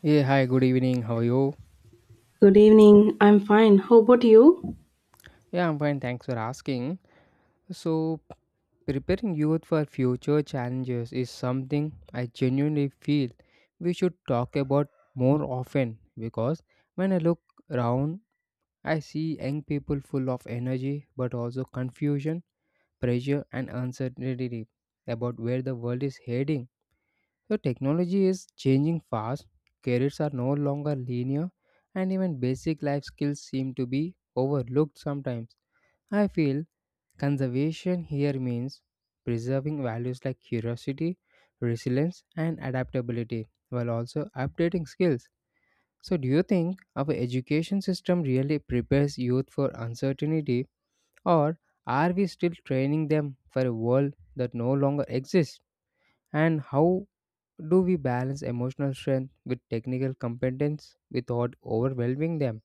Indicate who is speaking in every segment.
Speaker 1: Yeah, hi, good evening. How are you?
Speaker 2: Good evening. I'm fine. How about you?
Speaker 1: Yeah, I'm fine. Thanks for asking. So, preparing youth for future challenges is something I genuinely feel we should talk about more often because when I look around, I see young people full of energy but also confusion, pressure, and uncertainty about where the world is heading. So technology is changing fast, careers are no longer linear, and even basic life skills seem to be overlooked sometimes. I feel conservation here means preserving values like curiosity, resilience, and adaptability while also updating skills. So, do you think our education system really prepares youth for uncertainty, or are we still training them for a world that no longer exists? And how do we balance emotional strength with technical competence without overwhelming them?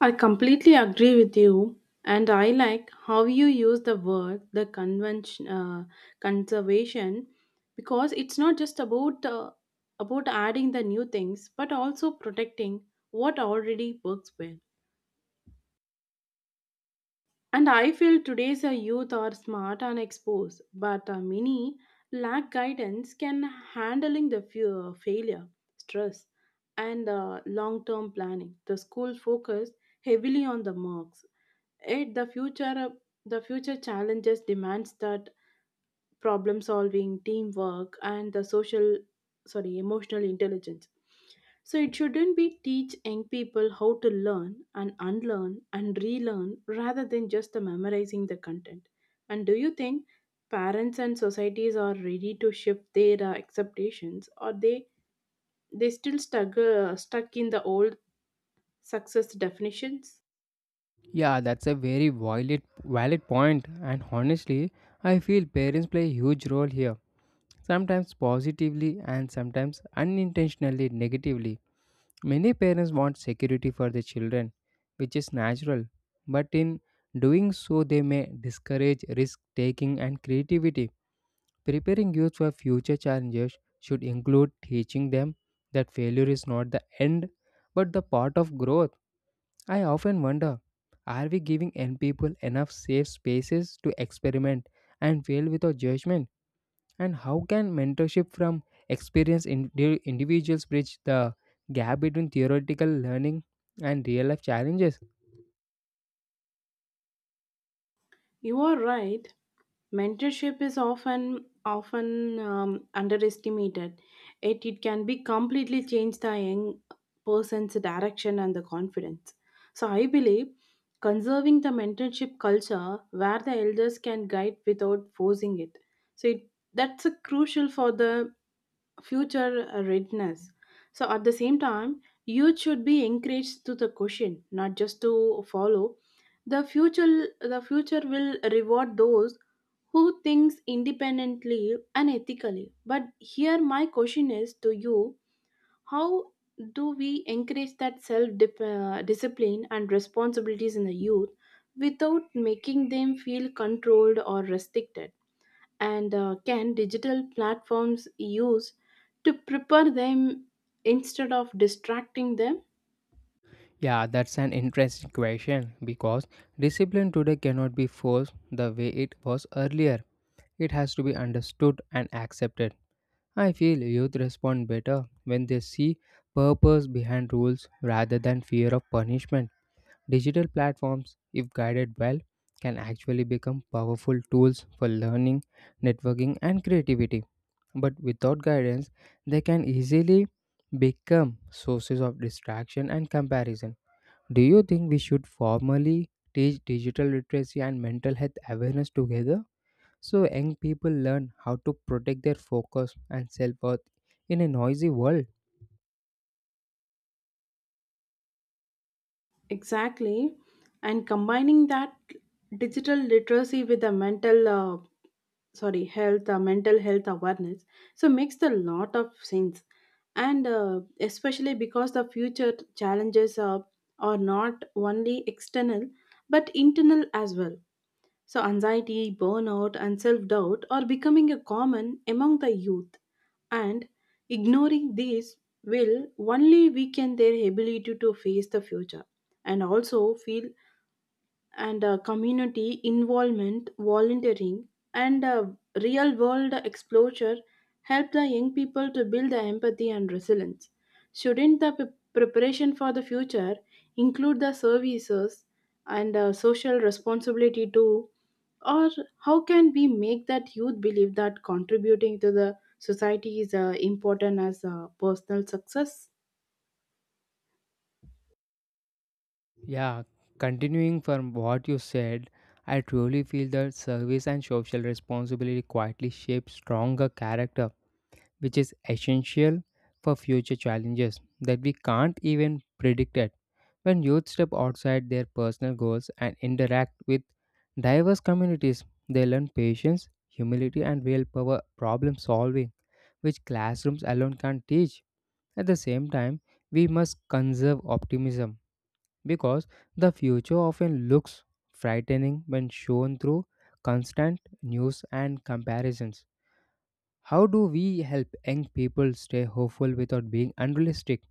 Speaker 2: I completely agree with you, and I like how you use the word the convention conservation, because it's not just about adding the new things, but also protecting what already works well. And I feel today's youth are smart and exposed, but many lack guidance can handling the fear, failure, stress, and long-term planning. The school focus heavily on the marks. Yet the future challenges demands that problem solving, teamwork, and the social, sorry, emotional intelligence. So it shouldn't be teach young people how to learn and unlearn and relearn rather than just the memorizing the content. And do you think parents and societies are ready to shift their expectations, or they still stuck in the old success definitions?
Speaker 1: Yeah, that's a very valid point, and honestly, I feel parents play a huge role here, sometimes positively and sometimes unintentionally negatively. Many parents want security for their children, which is natural, but in doing so, they may discourage risk taking and creativity. Preparing youth for future challenges should include teaching them that failure is not the end but the part of growth. I often wonder, are we giving young people enough safe spaces to experiment and fail without judgment? And how can mentorship from experienced individuals bridge the gap between theoretical learning and real life challenges?
Speaker 2: You are right. Mentorship is often underestimated. It can be completely change the young person's direction and the confidence. So I believe conserving the mentorship culture where the elders can guide without forcing it, so it, that's a crucial for the future readiness. So at the same time, youth should be encouraged to the question, not just to follow. The future will reward those who thinks independently and ethically. But here, my question is to you: how do we encourage that self-discipline and responsibilities in the youth without making them feel controlled or restricted? And can digital platforms use to prepare them instead of distracting them?
Speaker 1: Yeah, that's an interesting question because discipline today cannot be forced the way it was earlier. It has to be understood and accepted. I feel youth respond better when they see purpose behind rules rather than fear of punishment. Digital platforms, if guided well, can actually become powerful tools for learning, networking, and creativity. But without guidance, they can easily become sources of distraction and comparison. Do you think we should formally teach digital literacy and mental health awareness together? So, young people learn how to protect their focus and self worth in a noisy world.
Speaker 2: Exactly. And combining that digital literacy with the mental sorry health mental health awareness so makes a lot of sense, and especially because the future challenges are not only external but internal as well. So anxiety, burnout, and self doubt are becoming a common among the youth, and ignoring these will only weaken their ability to face the future. And also feel and community involvement, volunteering, and real world exposure help the young people to build the empathy and resilience. Shouldn't the p- preparation for the future include the services and social responsibility too? Or how can we make that youth believe that contributing to the society is important as personal success?
Speaker 1: Yeah, continuing from what you said, I truly feel that service and social responsibility quietly shape stronger character, which is essential for future challenges that we can't even predict it. When youth step outside their personal goals and interact with diverse communities, they learn patience, humility, and real power problem solving which classrooms alone can't teach. At the same time, we must conserve optimism because the future often looks frightening when shown through constant news and comparisons. How do we help young people stay hopeful without being unrealistic?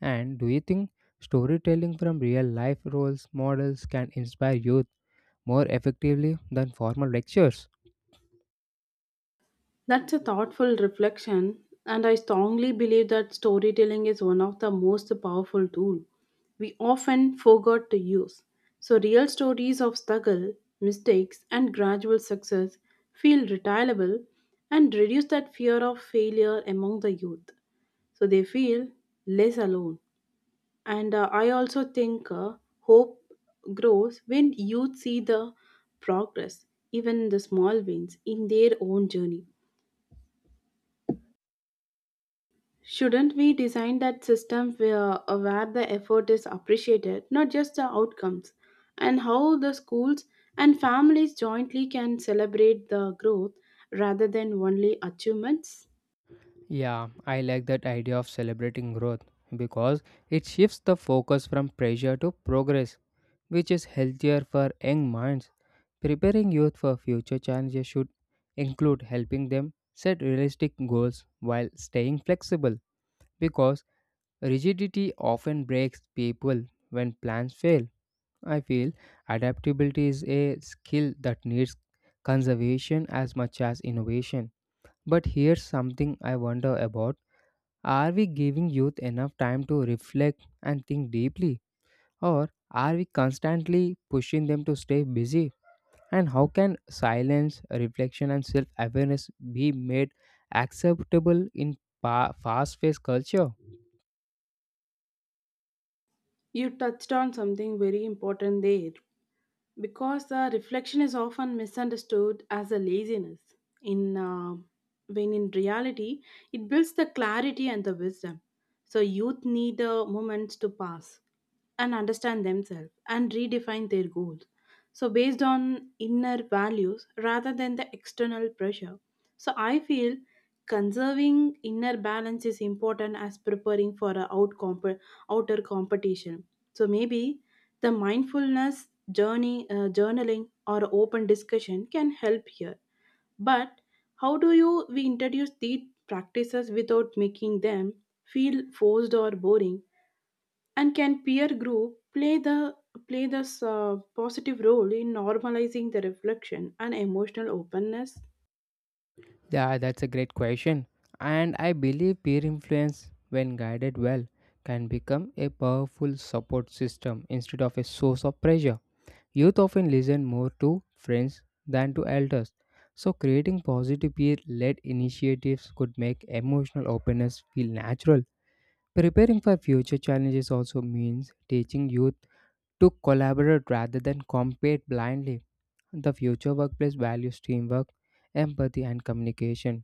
Speaker 1: And do you think storytelling from real life roles models can inspire youth more effectively than formal lectures?
Speaker 2: That's a thoughtful reflection, and I strongly believe that storytelling is one of the most powerful tools we often forgot to use. So real stories of struggle, mistakes, and gradual success feel retailable and reduce that fear of failure among the youth, so they feel less alone. And I also think hope grows when youth see the progress, even the small wins, in their own journey. Shouldn't we design that system where the effort is appreciated, not just the outcomes, and how the schools and families jointly can celebrate the growth rather than only achievements?
Speaker 1: Yeah, I like that idea of celebrating growth because it shifts the focus from pressure to progress, which is healthier for young minds. Preparing youth for future challenges should include helping them set realistic goals while staying flexible because rigidity often breaks people when plans fail. I feel adaptability is a skill that needs conservation as much as innovation. But here's something I wonder about, are we giving youth enough time to reflect and think deeply, or are we constantly pushing them to stay busy? And how can silence, reflection, and self awareness be made acceptable in fast paced culture?
Speaker 2: You touched on something very important there because the reflection is often misunderstood as a laziness in when in reality it builds the clarity and the wisdom. So youth need the moments to pass and understand themselves and redefine their goals, so, based on inner values rather than the external pressure. So, I feel conserving inner balance is important as preparing for a outer competition. So, maybe the mindfulness journaling, or open discussion can help here. But how do you we introduce these practices without making them feel forced or boring? And can peer group play this positive role in normalizing the reflection and emotional openness?
Speaker 1: Yeah, that's a great question. And I believe peer influence, when guided well, can become a powerful support system instead of a source of pressure. Youth often listen more to friends than to elders. So, creating positive peer led initiatives could make emotional openness feel natural. Preparing for future challenges also means teaching youth to collaborate rather than compete blindly. The future workplace values teamwork, empathy, and communication.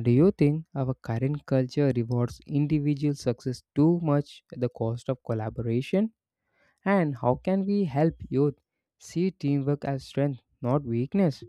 Speaker 1: Do you think our current culture rewards individual success too much at the cost of collaboration? And how can we help youth see teamwork as strength, not weakness?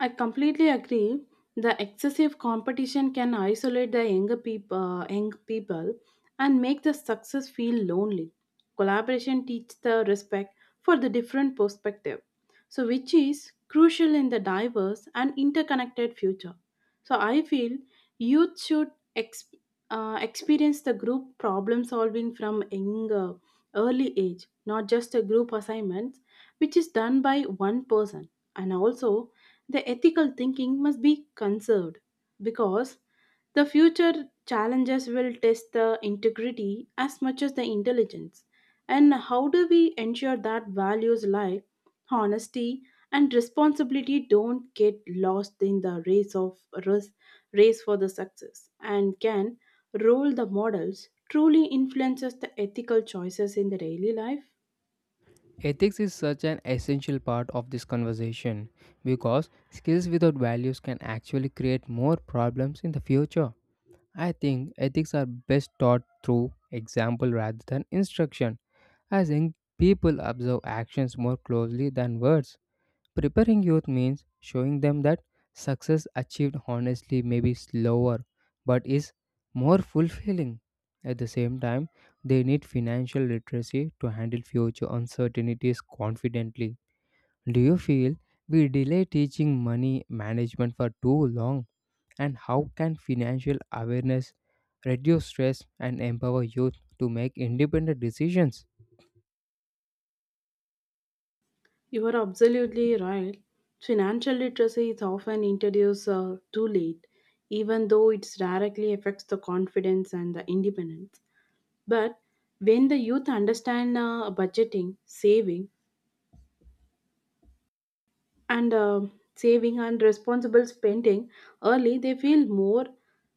Speaker 2: I completely agree. The excessive competition can isolate the young people and make the success feel lonely. Collaboration teaches the respect for the different perspective, so which is crucial in the diverse and interconnected future. So I feel youth should ex- experience the group problem solving from younger early age, not just a group assignments which is done by one person. And also the ethical thinking must be conserved because the future challenges will test the integrity as much as the intelligence. And how do we ensure that values like honesty and responsibility don't get lost in the race, race for the success, and can role the models truly influences the ethical choices in the daily life?
Speaker 1: Ethics is such an essential part of this conversation because skills without values can actually create more problems in the future. I think ethics are best taught through example rather than instruction, as young people observe actions more closely than words. Preparing youth means showing them that success achieved honestly may be slower but is more fulfilling. At the same time, they need financial literacy to handle future uncertainties confidently. Do you feel we delay teaching money management for too long? And how can financial awareness reduce stress and empower youth to make independent decisions?
Speaker 2: You are absolutely right. Financial literacy is often introduced too late, even though it directly affects the confidence and the independence. But when the youth understand budgeting, and uh, saving, and responsible spending early, they feel more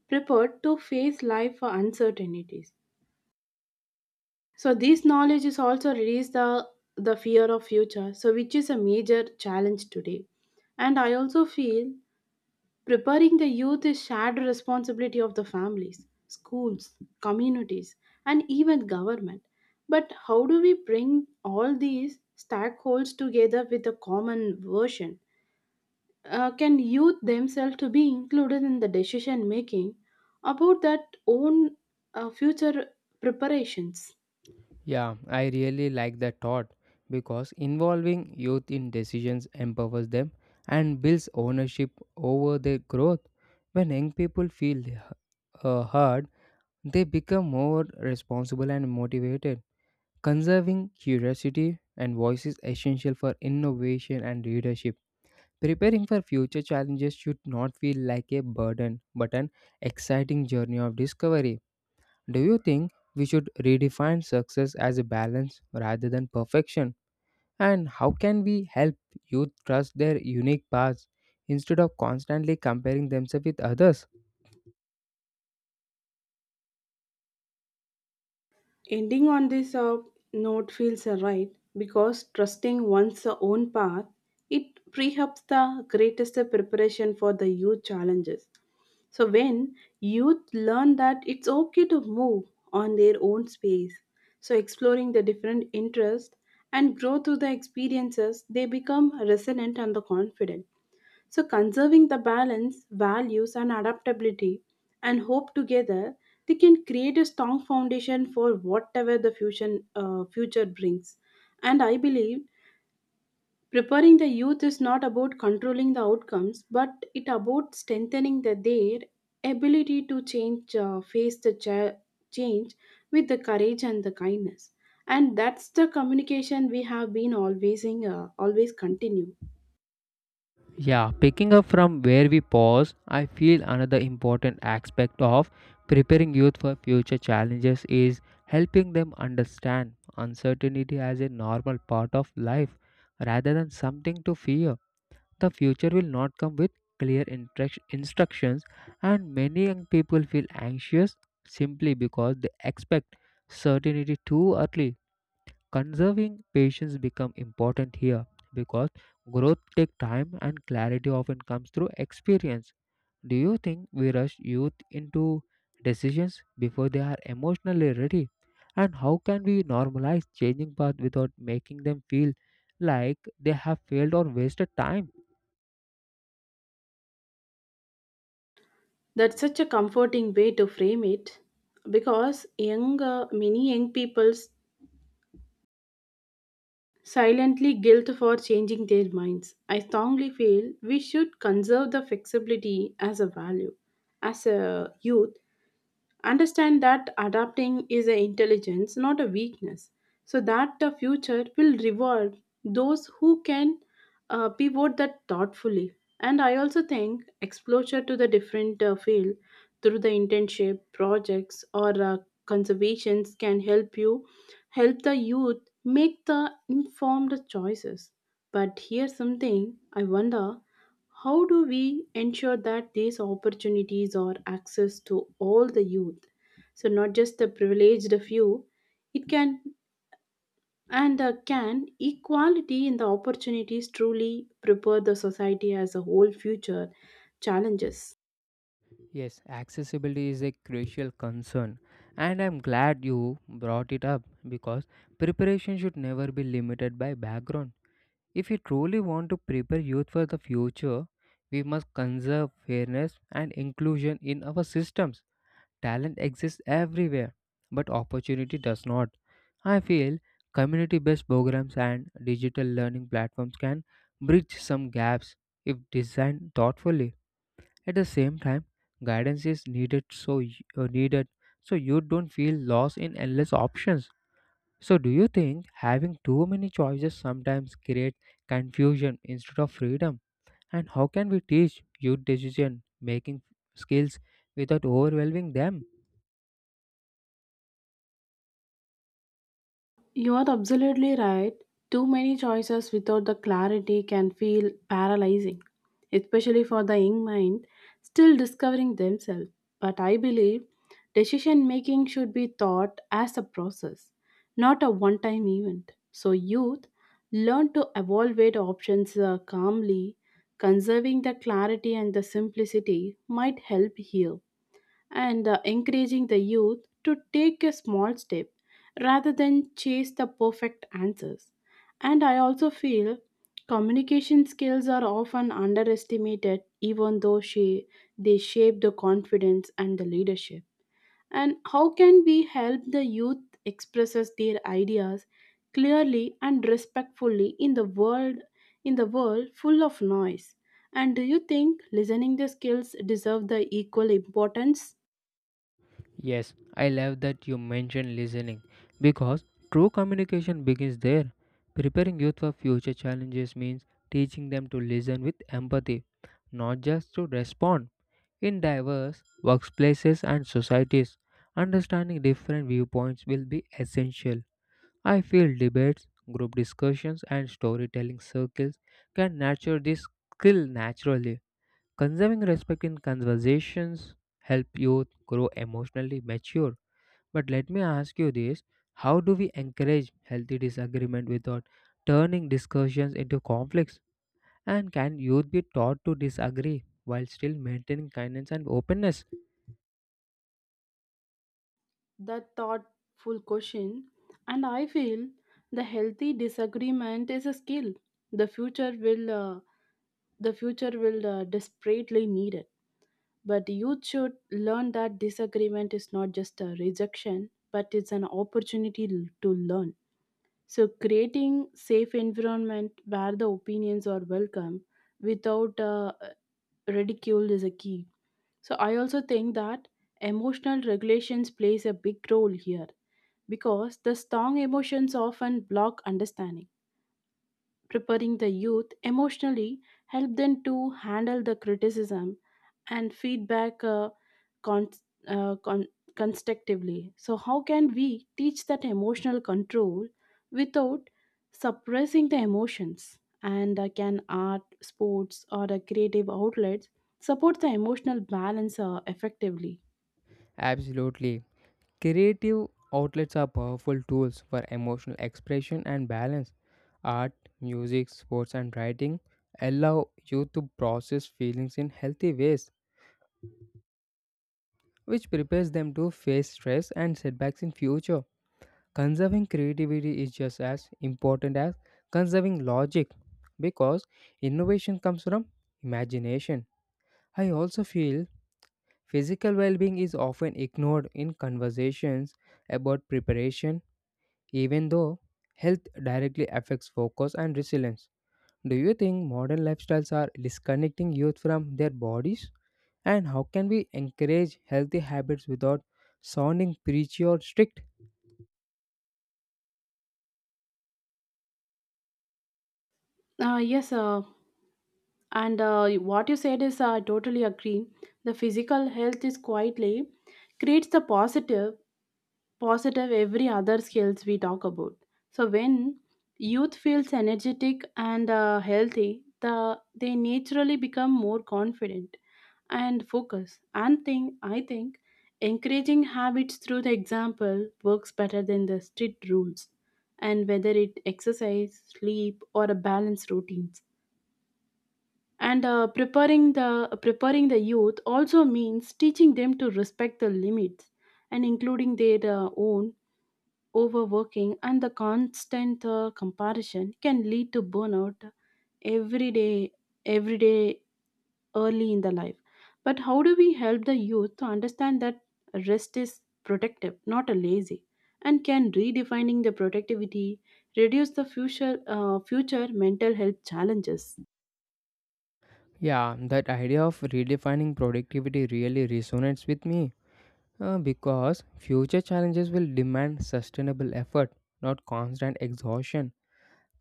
Speaker 2: prepared to face life for uncertainties. So this knowledge is also reduce the fear of future, so which is a major challenge today. And I also feel preparing the youth is shared responsibility of the families, schools, communities, and even government. But how do we bring all these stakeholders together with a common version? Can youth themselves to be included in the decision making about that own future preparations?
Speaker 1: Yeah, I really like that thought because involving youth in decisions empowers them and builds ownership over their growth. When young people feel heard, they become more responsible and motivated. Conserving curiosity and voice is essential for innovation and leadership. Preparing for future challenges should not feel like a burden, but an exciting journey of discovery. Do you think we should redefine success as a balance rather than perfection? And how can we help youth trust their unique paths instead of constantly comparing themselves with others?
Speaker 2: Ending on this note feels right because trusting one's own path it pre-helps the greatest preparation for the youth challenges. So when youth learn that it's okay to move on their own space, so exploring the different interests and grow through the experiences, they become resilient and the confident. So, conserving the balance, values, and adaptability and hope together, they can create a strong foundation for whatever future brings. And I believe preparing the youth is not about controlling the outcomes, but it about strengthening the, their ability to face change with the courage and the kindness. And that's the communication we have been always continue.
Speaker 1: Yeah, picking up from where we pause, I feel another important aspect of preparing youth for future challenges is helping them understand uncertainty as a normal part of life rather than something to fear. The future will not come with clear instructions, and many young people feel anxious simply because they expect certainty too early. Conserving patience become important here because growth take time and clarity often comes through experience. Do you think we rush youth into decisions before they are emotionally ready? And how can we normalize changing path without making them feel like they have failed or wasted time?
Speaker 2: That's such a comforting way to frame it because many young people silently guilt for changing their minds. I strongly feel we should conserve the flexibility as a value. As a youth, understand that adapting is an intelligence, not a weakness, so that the future will reward those who can pivot that thoughtfully. And I also think exposure to the different field through the internship projects or conservations can help you help the youth make the informed choices. But here's something I wonder: how do we ensure that these opportunities are access to all the youth? So not just the privileged few. It can and can equality in the opportunities truly prepare the society as a whole future challenges?
Speaker 1: Yes, accessibility is a crucial concern, and I'm glad you brought it up because preparation should never be limited by background. If we truly want to prepare youth for the future, we must conserve fairness and inclusion in our systems. Talent exists everywhere, but opportunity does not. I feel community based programs and digital learning platforms can bridge some gaps if designed thoughtfully. At the same time, guidance is needed so needed so you don't feel lost in endless options. So, do you think having too many choices sometimes creates confusion instead of freedom? And how can we teach youth decision making skills without overwhelming them?
Speaker 2: You are absolutely right. Too many choices without the clarity can feel paralyzing, especially for the young mind still discovering themselves. But I believe decision making should be thought as a process, not a one time event. So, youth learn to evaluate options calmly, conserving the clarity and the simplicity might help here, and encouraging the youth to take a small step rather than chase the perfect answers. And I also feel communication skills are often underestimated, even though she, they shape the confidence and the leadership. And how can we help the youth expresses their ideas clearly and respectfully in the world full of noise? And do you think listening the skills deserve the equal importance?
Speaker 1: Yes, I love that you mentioned listening because true communication begins there. Preparing youth for future challenges means teaching them to listen with empathy, not just to respond. In diverse workplaces and societies, understanding different viewpoints will be essential. I feel debates, group discussions, and storytelling circles can nurture this skill naturally. Conserving respect in conversations help youth grow emotionally mature. But let me ask you this: how do we encourage healthy disagreement without turning discussions into conflicts? And can youth be taught to disagree while still maintaining kindness and openness?
Speaker 2: That thoughtful question, and I feel the healthy disagreement is a skill the future will uh, the future will desperately need it. But youth should learn that disagreement is not just a rejection, but it's an opportunity to learn. So creating safe environment where the opinions are welcome without ridicule is a key. So I also think that emotional regulations plays a big role here because the strong emotions often block understanding. Preparing the youth emotionally help them to handle the criticism and feedback con- uh, con- constructively. So, how can we teach that emotional control without suppressing the emotions? And can art, sports, or the creative outlets support the emotional balance effectively?
Speaker 1: Absolutely. Creative outlets are powerful tools for emotional expression and balance. Art, music, sports, and writing allow you to process feelings in healthy ways, which prepares them to face stress and setbacks in future. Conserving creativity is just as important as conserving logic because innovation comes from imagination. I also feel physical well-being is often ignored in conversations about preparation even though health directly affects focus and resilience. Do you think modern lifestyles are disconnecting youth from their bodies? And how can we encourage healthy habits without sounding preachy or strict?
Speaker 2: Yes, and what you said is, I totally agree. The physical health is quietly creates the positive every other skills we talk about. So when youth feels energetic and healthy, the they naturally become more confident and focus. And think I think encouraging habits through the example works better than the strict rules. And whether it exercise, sleep, or a balanced routines and preparing the youth also means teaching them to respect the limits and including their own overworking and the constant comparison can lead to burnout every day every day early in the life. But how do we help the youth to understand that rest is protective, not a lazy, and can redefining the productivity reduce the future future mental health challenges?
Speaker 1: Yeah, that idea of redefining productivity really resonates with me because future challenges will demand sustainable effort, not constant exhaustion.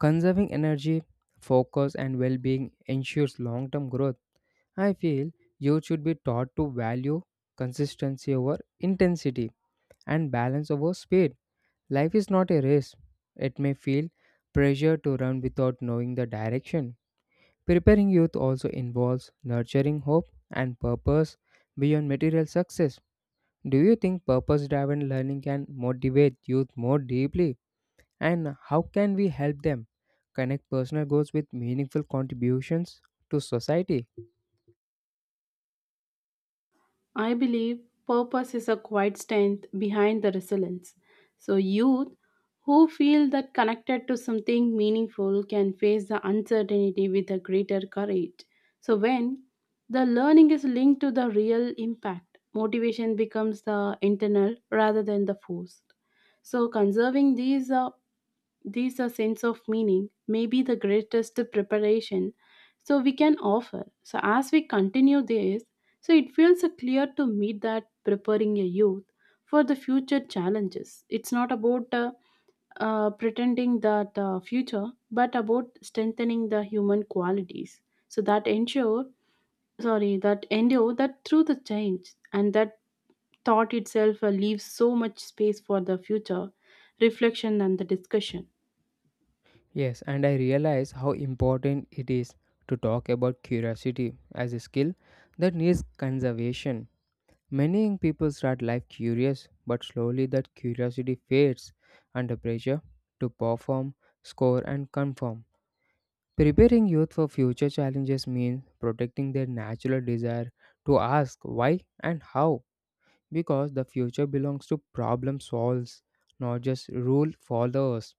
Speaker 1: Conserving energy, focus, and well being ensures long term growth. I feel youth should be taught to value consistency over intensity and balance over speed. Life is not a race. It may feel pressure to run without knowing the direction. Preparing youth also involves nurturing hope and purpose beyond material success. Do you think purpose driven learning can motivate youth more deeply? And how can we help them connect personal goals with meaningful contributions to society?
Speaker 2: I believe purpose is a quiet strength behind the resilience. So, youth who feel that connected to something meaningful can face the uncertainty with a greater courage. So, when the learning is linked to the real impact, motivation becomes the internal rather than the forced. So, conserving these a sense of meaning may be the greatest preparation so we can offer. So as we continue this, so it feels clear to me that preparing a youth for the future challenges, it's not about pretending that future, but about strengthening the human qualities. So that ensure, sorry, that endure that through the change, and that thought itself leaves so much space for the future reflection and the discussion.
Speaker 1: Yes, and I realize how important it is to talk about curiosity as a skill that needs conservation. Many young people start life curious, but slowly that curiosity fades under pressure to perform, score, and conform. Preparing youth for future challenges means protecting their natural desire to ask why and how, because the future belongs to problem solvers, not just rule followers.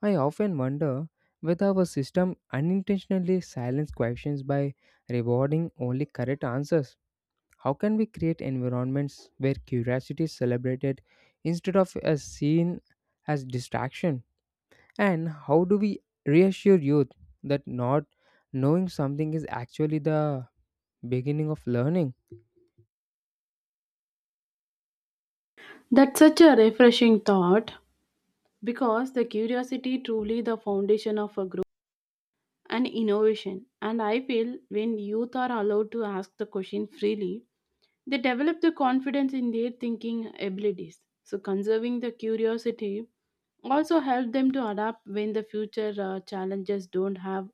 Speaker 1: I often wonder whether our system unintentionally silences questions by rewarding only correct answers. How can we create environments where curiosity is celebrated instead of as seen as distraction? And how do we reassure youth that not knowing something is actually the beginning of learning?
Speaker 2: That's such a refreshing thought because the curiosity truly the foundation of a growth and innovation. And I feel when youth are allowed to ask the question freely, they develop the confidence in their thinking abilities. So conserving the curiosity also help them to adapt when the future challenges don't have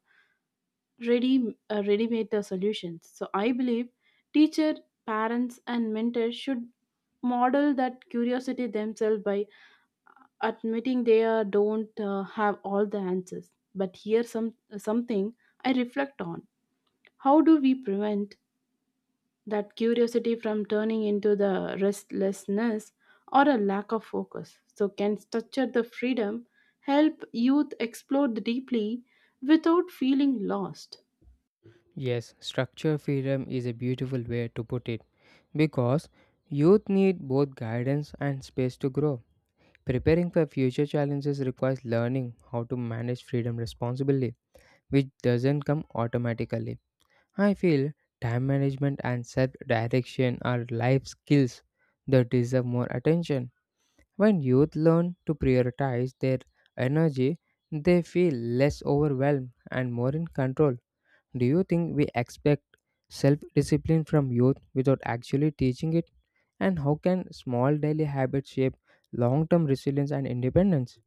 Speaker 2: ready-made solutions. So I believe teacher, parents, and mentors should model that curiosity themselves by admitting they don't have all the answers. But here's some something I reflect on: how do we prevent that curiosity from turning into the restlessness or a lack of focus, so can structure the freedom help youth explore deeply without feeling lost?
Speaker 1: Yes, structure freedom is a beautiful way to put it because youth need both guidance and space to grow. Preparing for future challenges requires learning how to manage freedom responsibly, which doesn't come automatically. I feel time management and self direction are life skills that deserve more attention. When youth learn to prioritize their energy, they feel less overwhelmed and more in control. Do you think we expect self discipline from youth without actually teaching it? And how can small daily habits shape long term resilience and independence?